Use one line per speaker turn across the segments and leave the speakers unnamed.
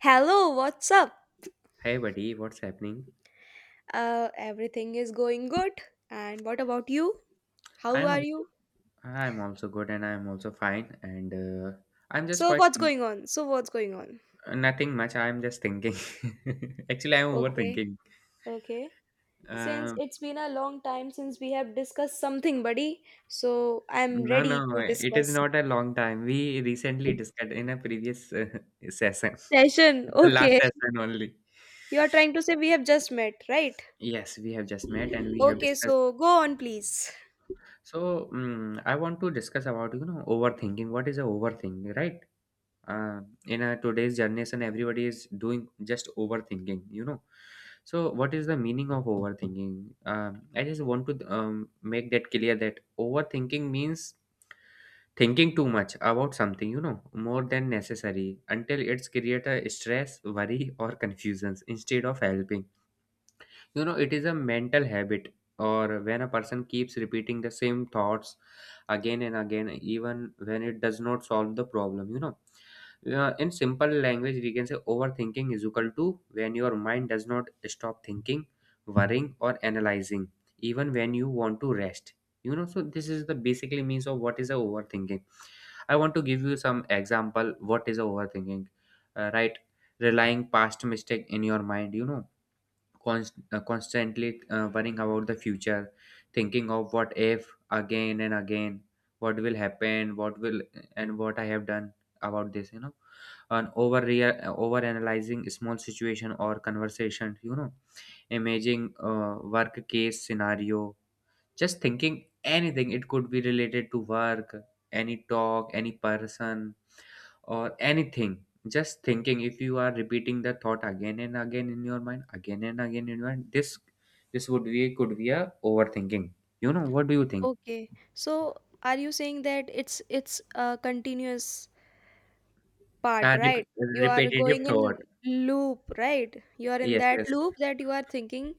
Hello, what's up?
Hey buddy, what's happening?
Everything is going good. And what about you? How
I'm
are
also
you?
I'm also good and I'm also fine and I'm just
So,
quite
what's going on? So, what's going on?
nothing much. I'm just thinking. Actually, I'm
Okay,
overthinking.
okay. Since
Um,
it's been a long time since we have discussed something, buddy, so I'm
no,
ready
no,
to
it is
discuss.
not a long time. We recently discussed in a previous session,
Session,
the last
okay.
session only.
You are trying to say we have just met, right?
Yes, we have just met and we have
Okay,
discussed.
so go on, please.
So, I want to discuss about, you know, overthinking. What is a overthinking, right? uh, in a today's generation everybody is doing just overthinking, you know, so what is the meaning of overthinking? I just want to make that clear that overthinking means thinking too much about something, you know, more than necessary until it's create a stress, worry or confusions instead of helping, you know. It is a mental habit or when a person keeps repeating the same thoughts again and again even when it does not solve the problem, you know. In simple language we can say overthinking is equal to when your mind does not stop thinking, worrying or analyzing even when you want to rest, you know. So this is the basically means of what is a overthinking. I want to give you some example what is a overthinking. Right, relying past mistake in your mind, you know, constantly worrying about the future, thinking of what if again and again, what will happen, what will, and what I have done about this, you know, and over analyzing small situation or conversation, you know, imaging work case scenario, just thinking anything. It could be related to work, any talk, any person or anything, just thinking. If you are repeating the thought again and again in your mind, again and again in your mind, this would be could be a overthinking, you know. What do you think?
Okay, so are you saying that it's a continuous part,
uh,
right?
rep-
You are
Repetitive
going
thought.
in loop, right? You are in
Yes,
that
yes.
loop that you are thinking,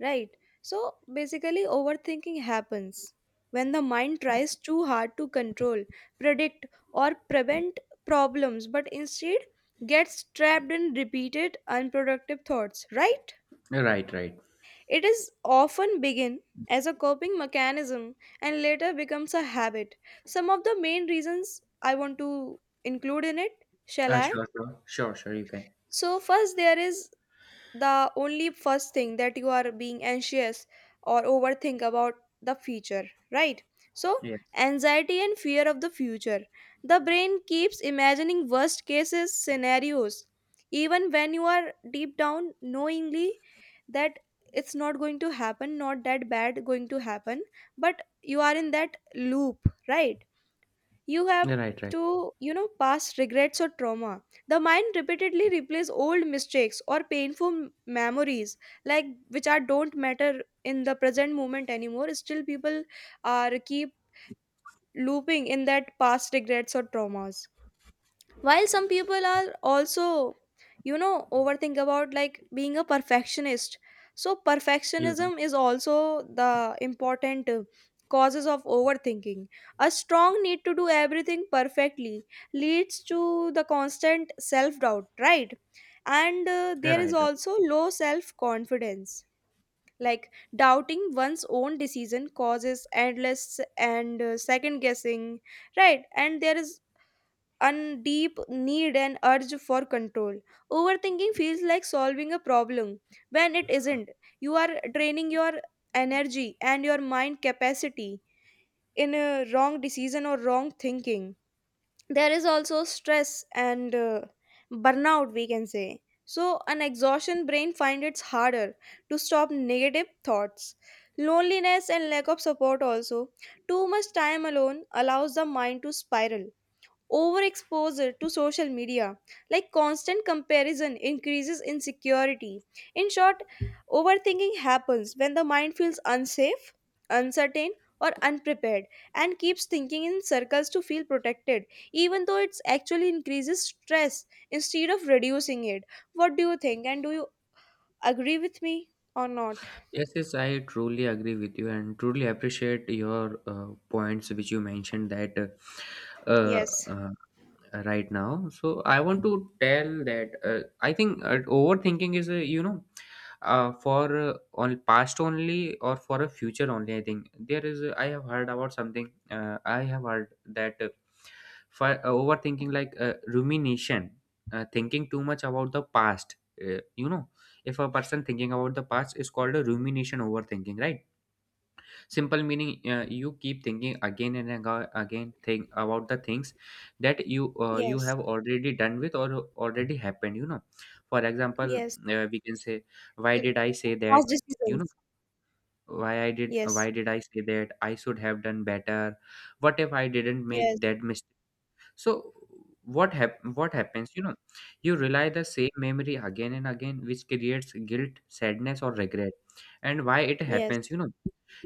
right? So basically, overthinking happens when the mind tries too hard to control, predict, or prevent problems, but instead gets trapped in repeated unproductive thoughts, right?
Right, right.
It is often begin as a coping mechanism and later becomes a habit. Some of the main reasons I want to include in it, shall I?
Sure, sure, sure, sure, you can.
So, first, there is the only first thing that you are being anxious or overthink about the future, right? So,
Yes.
anxiety and fear of the future. The brain keeps imagining worst cases scenarios, even when you are deep down knowingly that it's not going to happen, not that bad going to happen, but you are in that loop, right? You have
Right, right.
to, you know, past regrets or trauma. The mind repeatedly replays old mistakes or painful memories, like which are don't matter in the present moment anymore. Still people are keep looping in that past regrets or traumas, while some people are also, you know, overthink about like being a perfectionist. So
You know.
perfectionism is also the important causes of overthinking. A strong need to do everything perfectly leads to the constant self doubt, right? And there is
Right, right.
also low self confidence, like doubting one's own decision causes endless and second guessing, right? And there is and deep need and urge for control. Overthinking feels like solving a problem when it isn't. You are draining your energy and your mind capacity in a wrong decision or wrong thinking. There is also stress and burnout, we can say. So, an exhaustion brain finds it's harder to stop negative thoughts. Loneliness and lack of support also. Too much time alone allows the mind to spiral. Overexposure to social media, like constant comparison, increases insecurity. In short, overthinking happens when the mind feels unsafe, uncertain, or unprepared and keeps thinking in circles to feel protected, even though it actually increases stress instead of reducing it. What do you think? And do you agree with me or not?
Yes, yes, I truly agree with you and truly appreciate your points which you mentioned, that uh, uh,
Yes,
right now. So I want to tell that I think overthinking is a, you know, for on past only or for a future only. I think there is a- I have heard about something. I have heard that for overthinking, like rumination, thinking too much about the past, you know. If a person thinking about the past is called a rumination overthinking, right? Simple meaning, you keep thinking again and again think about the things that you you
yes,
have already done with or already happened, you know. For example,
yes.
we can say, why
Uh,
did I say
Past
that? You
decisions.
know,
Yes,
why did I say that? I should have done better. What if I didn't
yes,
make that mistake? So what happens, you know, you rely the same memory again and again, which creates guilt, sadness or regret. And why it
yes,
happens? You know,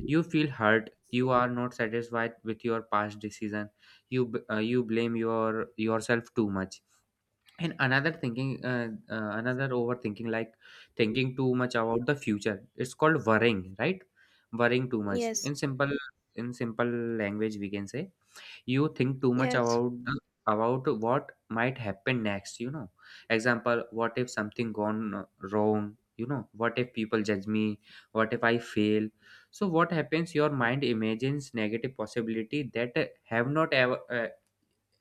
you feel hurt. You are not satisfied with your past decision. You blame yourself too much. And another thinking, another overthinking, like thinking too much about the future. It's called worrying, right? Worrying too much.
yes,
In simple language, we can say you think too much
yes,
about about what might happen next, you know. Example, what if something gone wrong? You know, what if people judge me? What if I fail? So what happens? Your mind imagines negative possibility that have not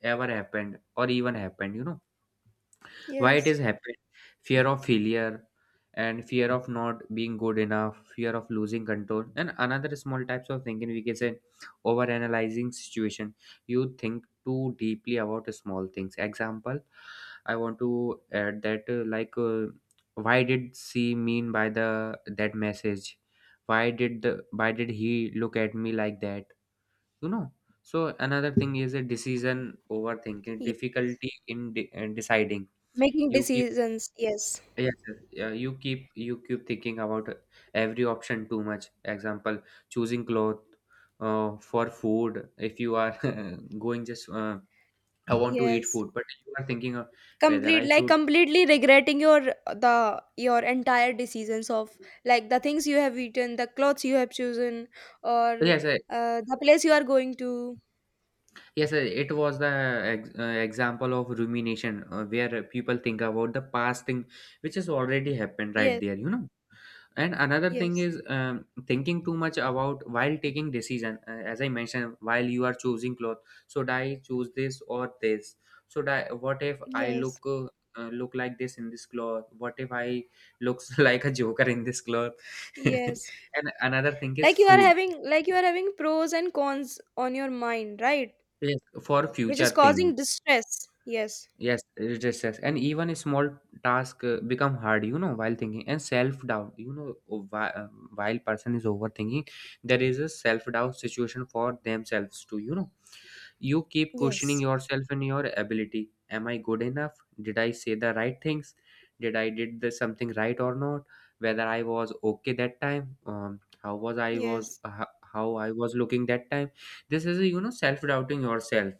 ever happened or even happened, you know. Why it
yes.
is happening? Fear of failure and fear of not being good enough, fear of losing control. And another small types of thinking we can say, over analyzing situation. You think too deeply about small things. Example, I want to add that like, why did she mean by the that message? Why did he look at me like that? You know. So another thing is a decision overthinking,
Yeah.
difficulty in deciding.
Making
You keep,
decisions. Yes.
yes, yes. Yeah, you keep, you keep thinking about every option too much. Example, choosing cloth, for food. If you are going just, I want to eat
Yes.
food, but you are thinking of whether
Complete
I
like
should.
completely regretting your the your entire decisions of like the things you have eaten, the clothes you have chosen, or
Yes, I,
the place you are going to.
yes. I, it was the example of rumination where people think about the past thing, which has already happened right
Yes.
there. You know. And another thing
Yes.
is, thinking too much about while taking decision, as I mentioned, while you are choosing cloth. Should I choose this or this? Should I, what if I look
Yes.
look like this in this cloth? What if I looks like a joker in this cloth?
Yes.
And another thing is
Like you are
food.
having like you are having pros and cons on your mind, right?
Yes, for
Which
future
is
thing.
causing distress. Yes.
Yes, it is stress, and even a small task become hard, you know, while thinking. And self doubt. You know, while person is overthinking, there is a self doubt situation for themselves too. You know, you keep questioning
Yes.
yourself and your ability. Am I good enough? Did I say the right things? Did I did the something right or not? Whether I was okay that time? How was I was
Yes.
how I was looking that time? This is a, you know, self doubting yourself.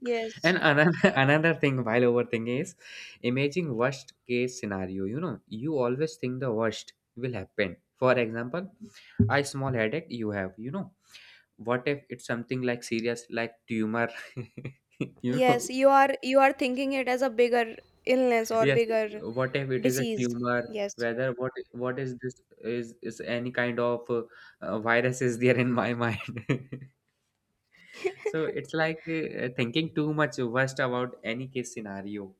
Yes.
And another another thing while overthinking is imaging worst case scenario. You know, you always think the worst will happen. For example, a small headache you have, you know. What if it's something like serious, like tumor? You
Yes,
know.
you are thinking it as a bigger illness or
Yes.
bigger
What if it is a
disease.
tumor?
Yes,
Whether What is this? Is any kind of virus is there in my mind? So it's like, thinking too much worst about any case scenario.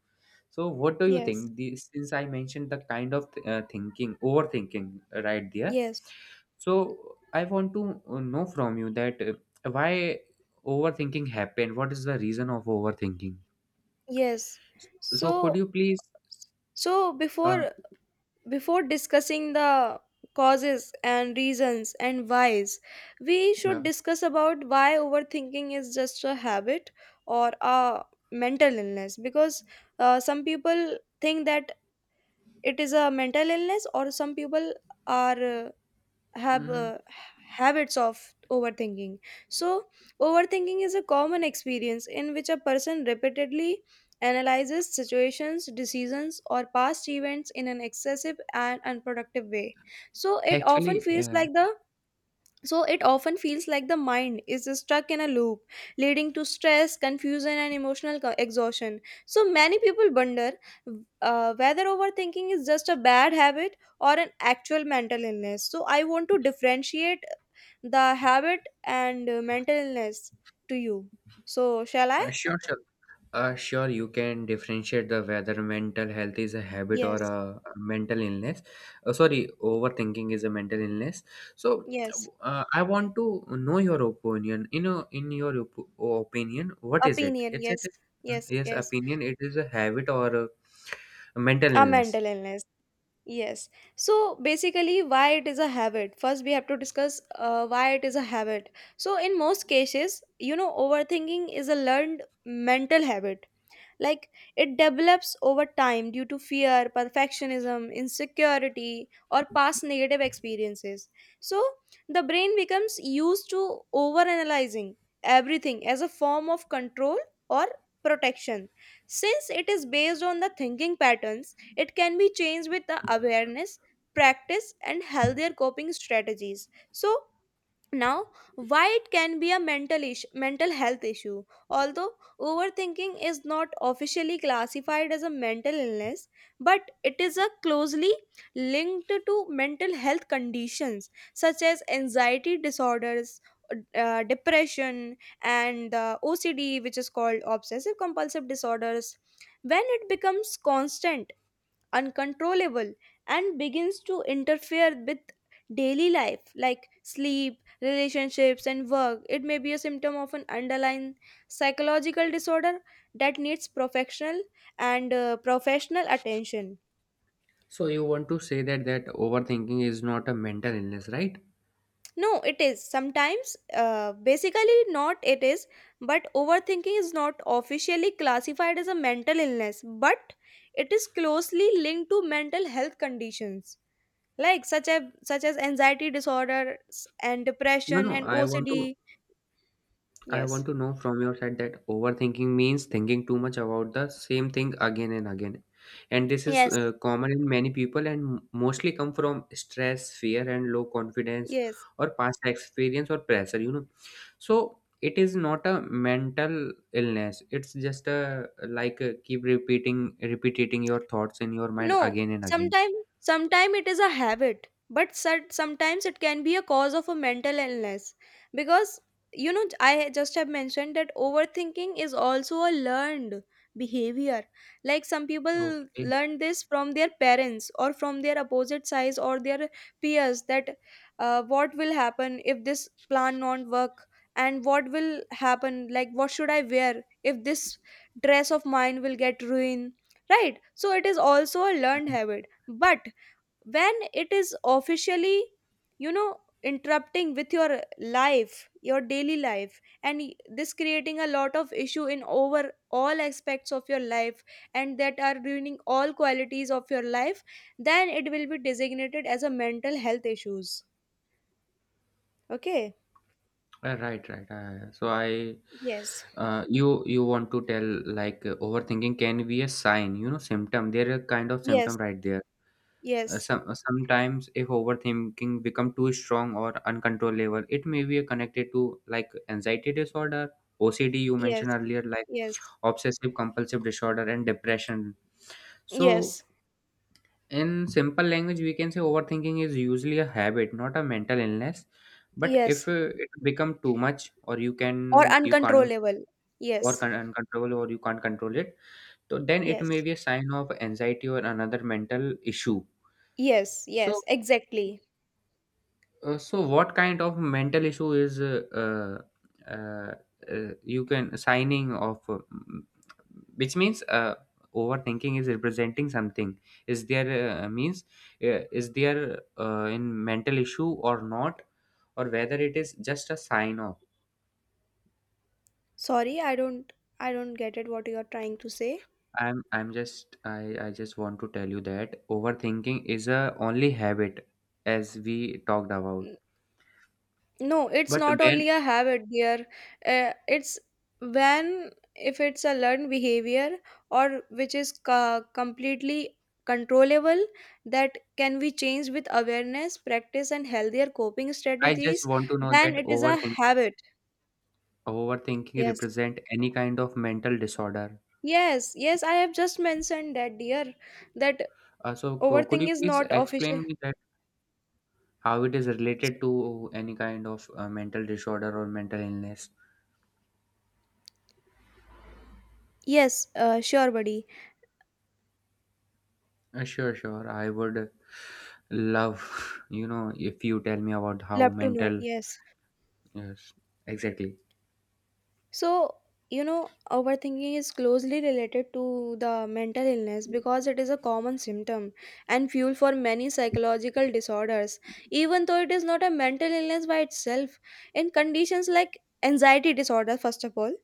So what do you
yes,
think? The, since I mentioned the kind of thinking, overthinking right there.
yes,
So I want to know from you that why overthinking happened? What is the reason of overthinking?
yes.
So so could
so
you please,
so
uh,
before discussing the causes and reasons and whys, we should
yeah.
discuss about why overthinking is just a habit or a mental illness. Because some people think that it is a mental illness, or some people are have
Mhm.
habits of overthinking. So overthinking is a common experience in which a person repeatedly analyzes situations, decisions or past events in an excessive and unproductive way. so it often
Actually,
feels like the so it often feels like the mind is stuck in a loop, leading to stress, confusion, and emotional co- exhaustion. So many people wonder whether overthinking is just a bad habit or an actual mental illness. So I want to differentiate the habit and mental illness to you. So shall I?
sure, sure. Sure, you can differentiate the whether mental health is a habit or
Yes,
a mental illness. Sorry, overthinking is a mental illness. So,
yes.
I want to know your opinion. You know, in your opinion, what is it?
Opinion,
It's it.
yes, yes,
Yes,
yes.
opinion. It is a habit or a mental
A
illness.
mental illness. Yes. So basically, why it is a habit. First, we have to discuss why it is a habit. So, in most cases, you know, overthinking is a learned mental habit, like it develops over time due to fear, perfectionism, insecurity or past negative experiences. So the brain becomes used to overanalyzing everything as a form of control or protection. Since it is based on the thinking patterns, it can be changed with the awareness, practice and healthier coping strategies. So now, why it can be a mental issue, mental health issue? Although overthinking is not officially classified as a mental illness, but it is a closely linked to mental health conditions such as anxiety disorders, depression and the ocd, which is called obsessive compulsive disorders. When it becomes constant, uncontrollable and begins to interfere with daily life like sleep, relationships and work, it may be a symptom of an underlying psychological disorder that needs professional and professional attention.
So you want to say that overthinking is not a mental illness, right?
No, it is sometimes, basically not. It is, but overthinking is not officially classified as a mental illness, but it is closely linked to mental health conditions like such as anxiety disorders and
No,
depression
no.
and OCD.
I
Yes.
want to know from your side that overthinking means thinking too much about the same thing again and again. And this is
Yes.
common in many people and mostly come from stress, fear, and low confidence
Yes.
or past experience or pressure, you know. So it is not a mental illness. It's just a like, uh, keep repeating, repeating your thoughts in your mind
No,
again and again.
sometimes it is a habit, but sud- sometimes it can be a cause of a mental illness. Because you know, I just have mentioned that overthinking is also a learned behavior. Like some people
Okay.
learn this from their parents or from their opposite sides or their peers that what will happen if this plan not work, and what will happen, like what should I wear if this dress of mine will get ruined, right? So it is also a learned habit, but when it is officially, you know, interrupting with your life, your daily life, and y- this creating a lot of issue in over all aspects of your life, and that are ruining all qualities of your life, then it will be designated as a mental health issues. Okay.
Right, right. So I,
Yes,
you, you want to tell, like, overthinking can be a sign, you know, symptom. There are kind of
yes,
symptom right there.
yes,
Some sometimes if overthinking become too strong or uncontrollable, it may be connected to like anxiety disorder, OCD you
yes,
mentioned earlier, like
yes,
obsessive compulsive disorder and depression. So
yes,
in simple language, we can say overthinking is usually a habit, not a mental illness. But
yes
if it become too much, or
or
you can't
uncontrollable,
or
yes,
can uncontrollable, or you can't control it, so then it may
yes.
be a sign of anxiety or another mental issue.
Yes,
So,
yes, exactly.
uh, so, what kind of mental issue is you can signing off? Which means overthinking is representing something. Is there means, is there in mental issue or not, or whether it is just a sign off?
Sorry, I don't get it what you are trying to say.
I just want to tell you that overthinking is a only habit as we talked about.
N- No, it's
But
not
when,
only a habit, dear. It's When if it's a learned behavior, or which is co- completely controllable, that can be changed with awareness, practice and healthier coping
I just
strategies,
want to know
then
that
it is a
overthinking
habit.
Overthinking
Yes.
represent any kind of mental disorder.
Yes, yes, I have just mentioned that, dear, that
So could
overthink
you
is
please
not
explain
official.
me that how it is related to any kind of mental disorder or mental illness?
Yes, sure, buddy.
Sure, sure. I would love, you know, if you tell me about how
Love to know.
mental.
Yes.
Yes, exactly.
So, you know, overthinking is closely related to the mental illness because it is a common symptom and fuel for many psychological disorders. Even though it is not a mental illness by itself, in conditions like anxiety disorder, first of all,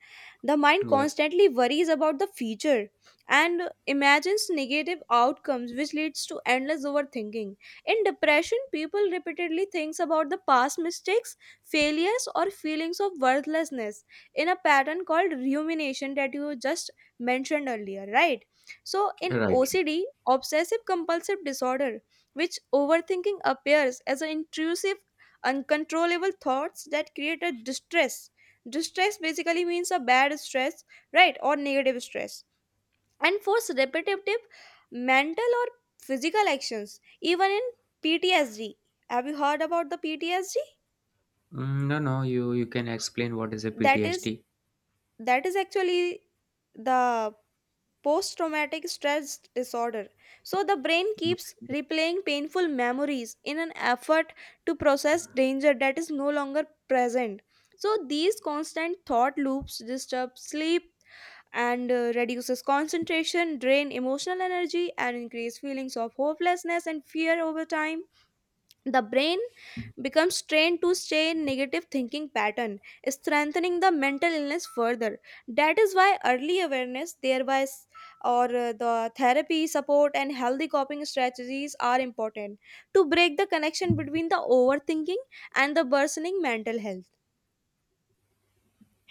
the mind
Yes.
constantly worries about the future and imagines negative outcomes, which leads to endless overthinking. In depression, people repeatedly thinks about the past mistakes, failures, or feelings of worthlessness in a pattern called rumination, that you just mentioned earlier, right? So, in
Right.
OCD, obsessive compulsive disorder, which overthinking appears as an intrusive, uncontrollable thoughts that create a distress. Distress basically means a bad stress, right, or negative stress, and force repetitive mental or physical actions, even in PTSD. Have you heard about the PTSD?
No, no, you can explain what is a
That is
PTSD.
actually the post traumatic stress disorder. So the brain keeps
Okay.
replaying painful memories in an effort to process danger that is no longer present. So these constant thought loops disturb sleep and reduces concentration, drain emotional energy and increase feelings of hopelessness and fear. Over time, the brain becomes trained to stay in negative thinking pattern, strengthening the mental illness further. That is why early awareness thereby s- or the therapy support and healthy coping strategies are important to break the connection between the overthinking and the worsening mental health.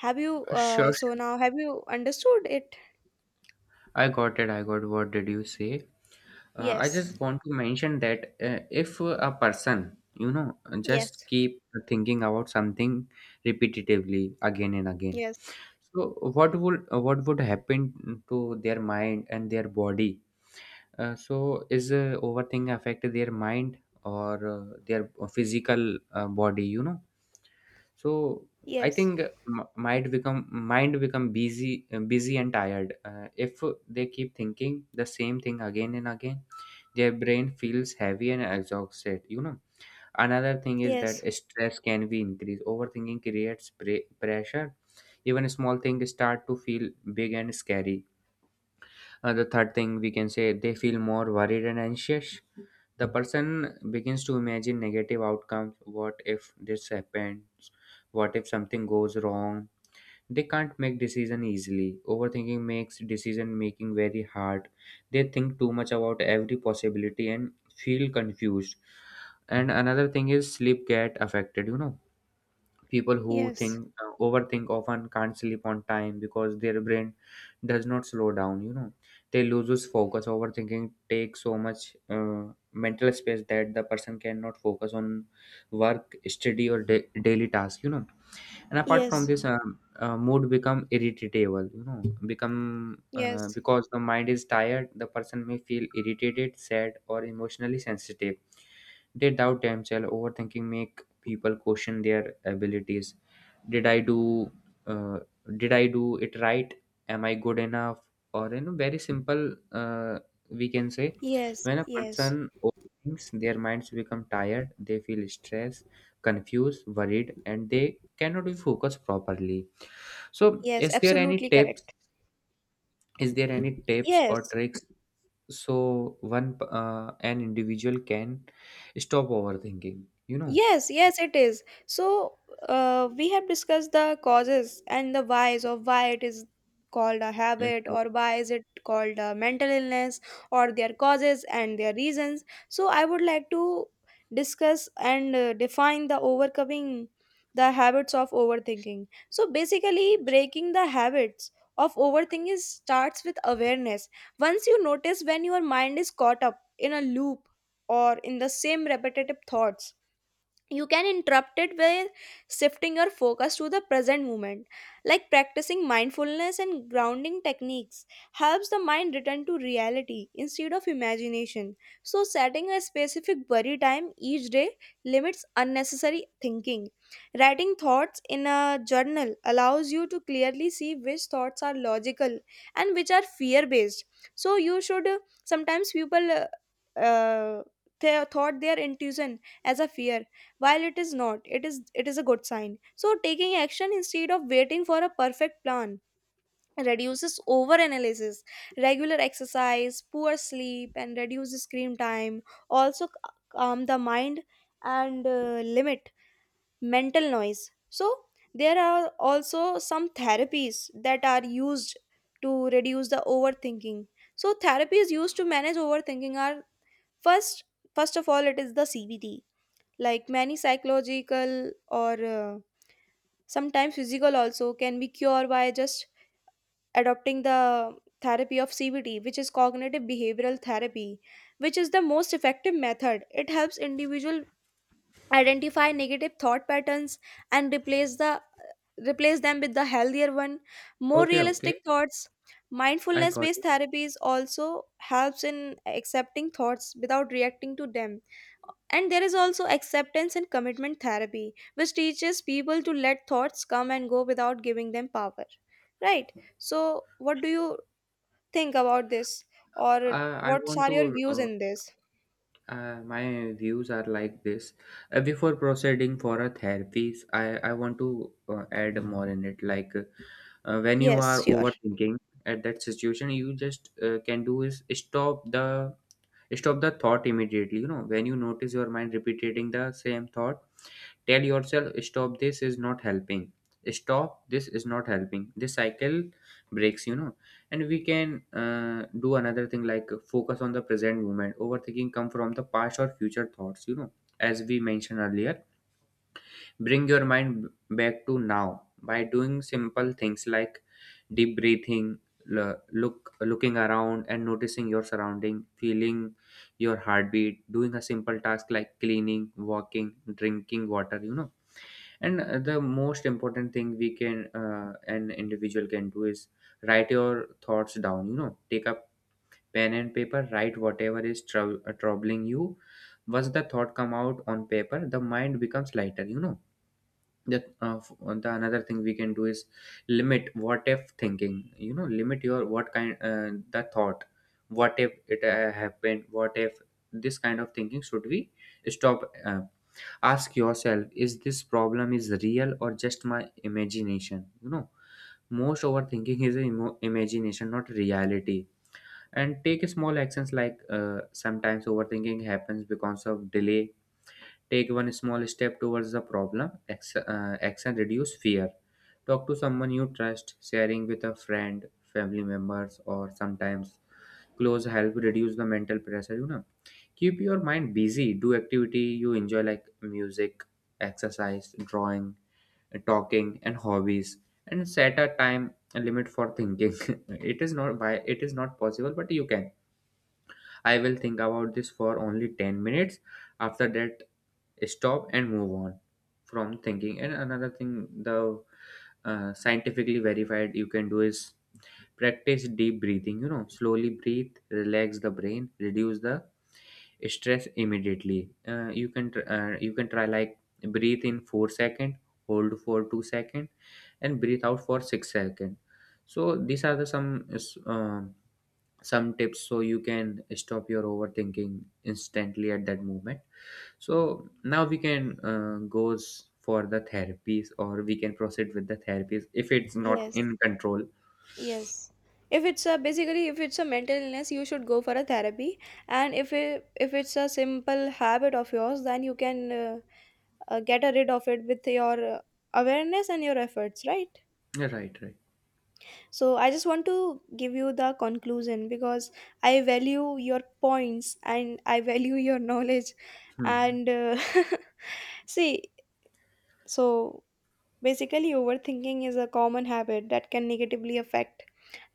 Have you
Sure, sure.
so now, have you understood it?
I got it. I got what did you say? I
Yes,
just want to mention that if a person, you know, just
yes,
keep thinking about something repetitively again and again,
yes,
so what would happen to their mind and their body? So is overthinking affect their mind or their physical body? So I
yes,
think m- might become mind become busy and tired if they keep thinking the same thing again and again, their brain feels heavy and exhausted. Another thing is that
yes,
stress can be increased. Overthinking creates pressure. Even small things start to feel big and scary. The third thing we can say, they feel more worried and anxious. The person begins to imagine negative outcomes. What if this happens, what if something goes wrong? They can't make decision easily. Overthinking makes decision making very hard. They think too much about every possibility and feel confused. And another thing is sleep get affected. People who
yes,
think overthink often can't sleep on time because their brain does not slow down. They loses focus. Overthinking takes so much mental space that the person cannot focus on work, study, or daily task. And apart from
yes,
this, mood become irritable become
yes,
because the mind is tired, the person may feel irritated, sad, or emotionally sensitive. They doubt themselves. Overthinking make people question their abilities. Did i do uh, did i do it right? Am I good enough? Or, you know, very simple uh, we can say,
yes,
when a
yes,
person overthinks, their minds become tired, they feel stress, confused, worried, and they cannot be focused properly. So,
yes,
is there any
absolutely
tips?
correct.
Is there any tips or
Yes.
tricks so one, an individual can stop overthinking? You know.
Yes, yes, it is. So, we have discussed the causes and the whys of why it is called a
Yes,
habit
sir.
or why is it called a mental illness, or their causes and their reasons. So, I would like to discuss and define the overcoming the habits of overthinking. So, basically, breaking the habits of overthinking is- starts with awareness. Once you notice when your mind is caught up in a loop or in the same repetitive thoughts, you can interrupt it by shifting your focus to the present moment, like practicing mindfulness and grounding techniques helps the mind return to reality instead of imagination. So setting a specific worry time each day limits unnecessary thinking. Writing thoughts in a journal allows you to clearly see which thoughts are logical and which are fear based. So you should Sometimes people uh, uh, they thought their intuition as a fear, while it is not, it is a good sign. So taking action instead of waiting for a perfect plan reduces overanalysis. Regular exercise, poor sleep, and reduces screen time also calm the mind and limit mental noise. So there are also some therapies that are used to reduce the overthinking. So therapies used to manage overthinking are: first, first of all, it is the CBT. Like many psychological or sometimes physical also can be cured by just adopting the therapy of CBT, which is cognitive behavioral therapy, which is the most effective method. It helps individual identify negative thought patterns and replace them with the healthier one, more
Okay,
realistic
okay,
thoughts.
I
Mindfulness
got
based
it.
therapies also helps in accepting thoughts without reacting to them. And there is also acceptance and commitment therapy, which teaches people to let thoughts come and go without giving them power. Right. So what do you think about this? Or
I
what
want
are your
to.
views in this?
My views are like this. Before proceeding for a therapies, I want to add more in it, like, when you
Yes,
are
sure.
overthinking at that situation, you just can do is stop the thought immediately, you know. When you notice your mind repeating the same thought, tell yourself stop, this is not helping. Stop, this is not helping. This cycle breaks, you know. And we can do another thing like focus on the present moment. Overthinking come from the past or future thoughts, you know, as we mentioned earlier. Bring your mind back to now by doing simple things like deep breathing, looking around and noticing your surrounding, feeling your heartbeat, doing a simple task like cleaning, walking, drinking water, you know. And the most important thing we can an individual can do is write your thoughts down, you know. Take a pen and paper, write whatever is troubling you. Once the thought come out on paper, the mind becomes lighter, you know. that uh, f- the another thing we can do is limit what if thinking, you know. Limit your what kind, the thought, what if it happened, what if, this kind of thinking should we stop. Ask yourself, is this problem is real or just my imagination, you know? Most overthinking is imagination, not reality. And take small actions like, sometimes overthinking happens because of delay. Take one small step towards the problem. Action reduce fear. Talk to someone you trust. Sharing with a friend, family members, or sometimes close, help reduce the mental pressure, you know. Keep your mind busy. Do activity you enjoy like music, exercise, drawing, talking, and hobbies. And set a time limit for thinking. It is not by, it is not possible, but you can. I will think about this for only 10 minutes. After that, stop and move on from thinking. And another thing, the scientifically verified you can do is practice deep breathing, you know. Slowly breathe, relax the brain, reduce the stress immediately. You can you can try like breathe in 4 second, hold for 2 second, and breathe out for 6 second. So these are the some some tips so you can stop your overthinking instantly at that moment. So now we can goes for the therapies, or we can proceed with the therapies if it's not
Yes.
in control.
Yes. If it's a basically if it's a mental illness, you should go for a therapy. And if it's a simple habit of yours, then you can get rid of it with your awareness and your efforts, right?
Yeah, right, right.
So I just want to give you the conclusion because I value your points and I value your knowledge.
Hmm, hmm.
And see, so basically, overthinking is a common habit that can negatively affect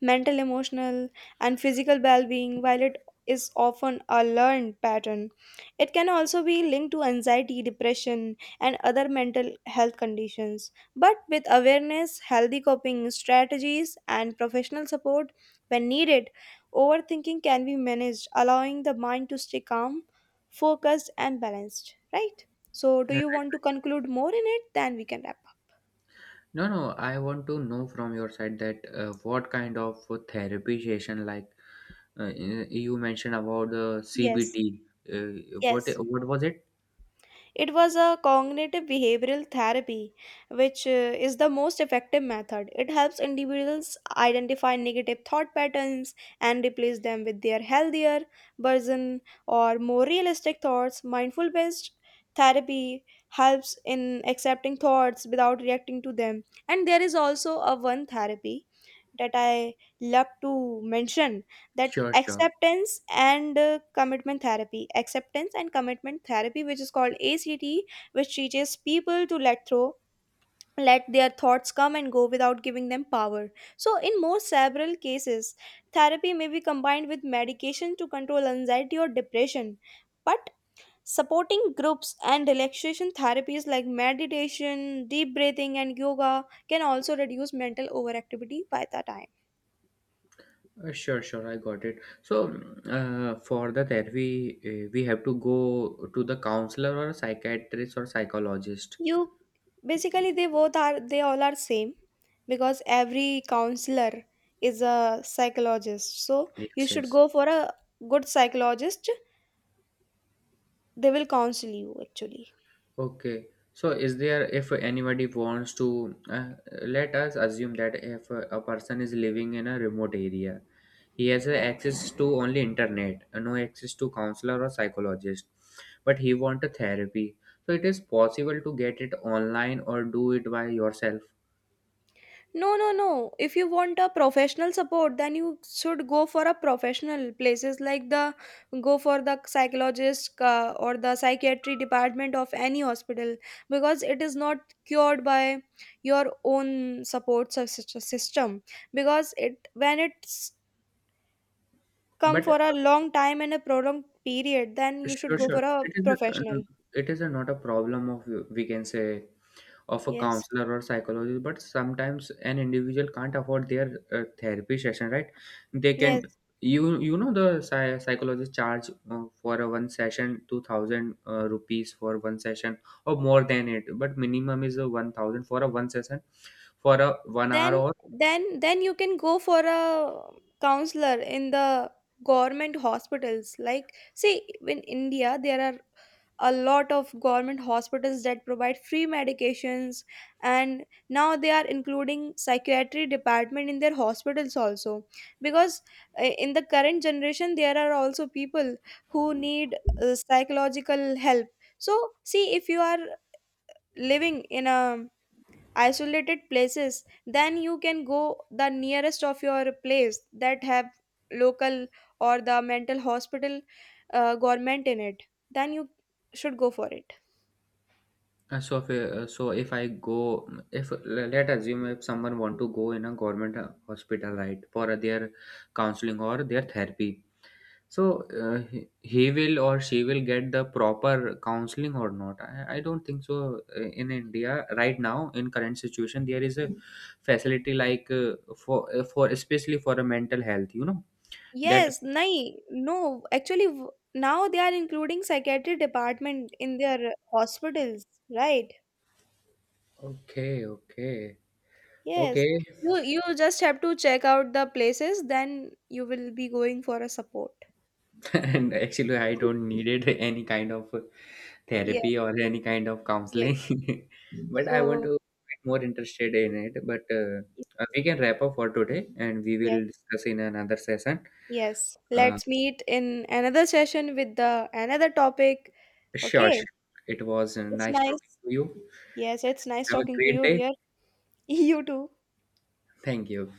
mental, emotional, and physical well being, while it is often a learned pattern, it can also be linked to anxiety, depression, and other mental health conditions. But with awareness, healthy coping strategies, and professional support when needed, overthinking can be managed, allowing the mind to stay calm, focused, and balanced. Right? So, do
Yeah, right.
you want to conclude more in it? Then we can wrap up.
No, no, I want to know from your side that, what kind of therapy session, like, you mentioned about the
Yes,
cbt. What
yes.
what was it?
It was a cognitive behavioral therapy, which is the most effective method. It helps individuals identify negative thought patterns and replace them with their healthier version or more realistic thoughts. Mindful based therapy helps in accepting thoughts without reacting to them. And there is also a one therapy that I love to mention, that
Sure, sure.
acceptance and commitment therapy, which is called ACT, which teaches people to let their thoughts come and go without giving them power. So in more several cases, therapy may be combined with medication to control anxiety or depression. But supporting groups and relaxation therapies like meditation, deep breathing, and yoga can also reduce mental overactivity by the time.
Sure, sure. I got it. So, mm, for the therapy, we have to go to the counselor or psychiatrist or psychologist.
You basically they all are same, because every counselor is a psychologist. So you
Yes,
should
yes.
go for a good psychologist. They will counsel you actually.
Okay. So, is there, if anybody wants to let us assume that if a person is living in a remote area, he has a access to only internet, no access to counselor or psychologist, but he want a therapy. So, it is possible to get it online or do it by yourself.
No, no, no. If you want a professional support, then you should go for a professional places like the go for the psychologist or the psychiatry department of any hospital, because it is not cured by your own support system, because it when it's come for
But
a long time and a prolonged period, then you should
sure,
go for
sure,
a
it is
professional.
a, it is a, not a problem of, we can say, of a
Yes.
counselor or psychologist, but sometimes an individual can't afford their therapy session, right? They can.
Yes.
You know the psychologist charge for a one session, 2,000 rupees for one session or more than it, but minimum is a 1,000 for a one session for a 1 hour
then
or
then you can go for a counselor in the government hospitals, like see, in India there are a lot of government hospitals that provide free medications, and now they are including psychiatry department in their hospitals also, because in the current generation there are also people who need psychological help. So see, if you are living in a isolated places, then you can go the nearest of your place that have local or the mental hospital, government in it, then you should go for it.
so if I go, if let assume if someone want to go in a government hospital, right, for their counseling or their therapy. So he will or she will get the proper counseling or not? I don't think so. In India right now, in current situation, there is a facility like for especially for a mental health. You know that.
Yes, nahi, no actually now they are including psychiatry department in their hospitals, right?
Okay, okay,
Yes.
okay.
You just have to check out the places, then you will be going for a support.
And actually, I don't needed any kind of
Yeah,
therapy or any kind of
yeah.
counseling, but I want
So
to get more interested in it. But we can wrap up for today, and we
yes.
will discuss in another session.
Yes,
Uh,
let's meet in another session with the another topic.
Sure,
Okay,
sure. It was
it's
nice talking
nice.
to you.
Yes, it's nice
Have a
talking to
great
you,
day.
dear. You too.
Thank you.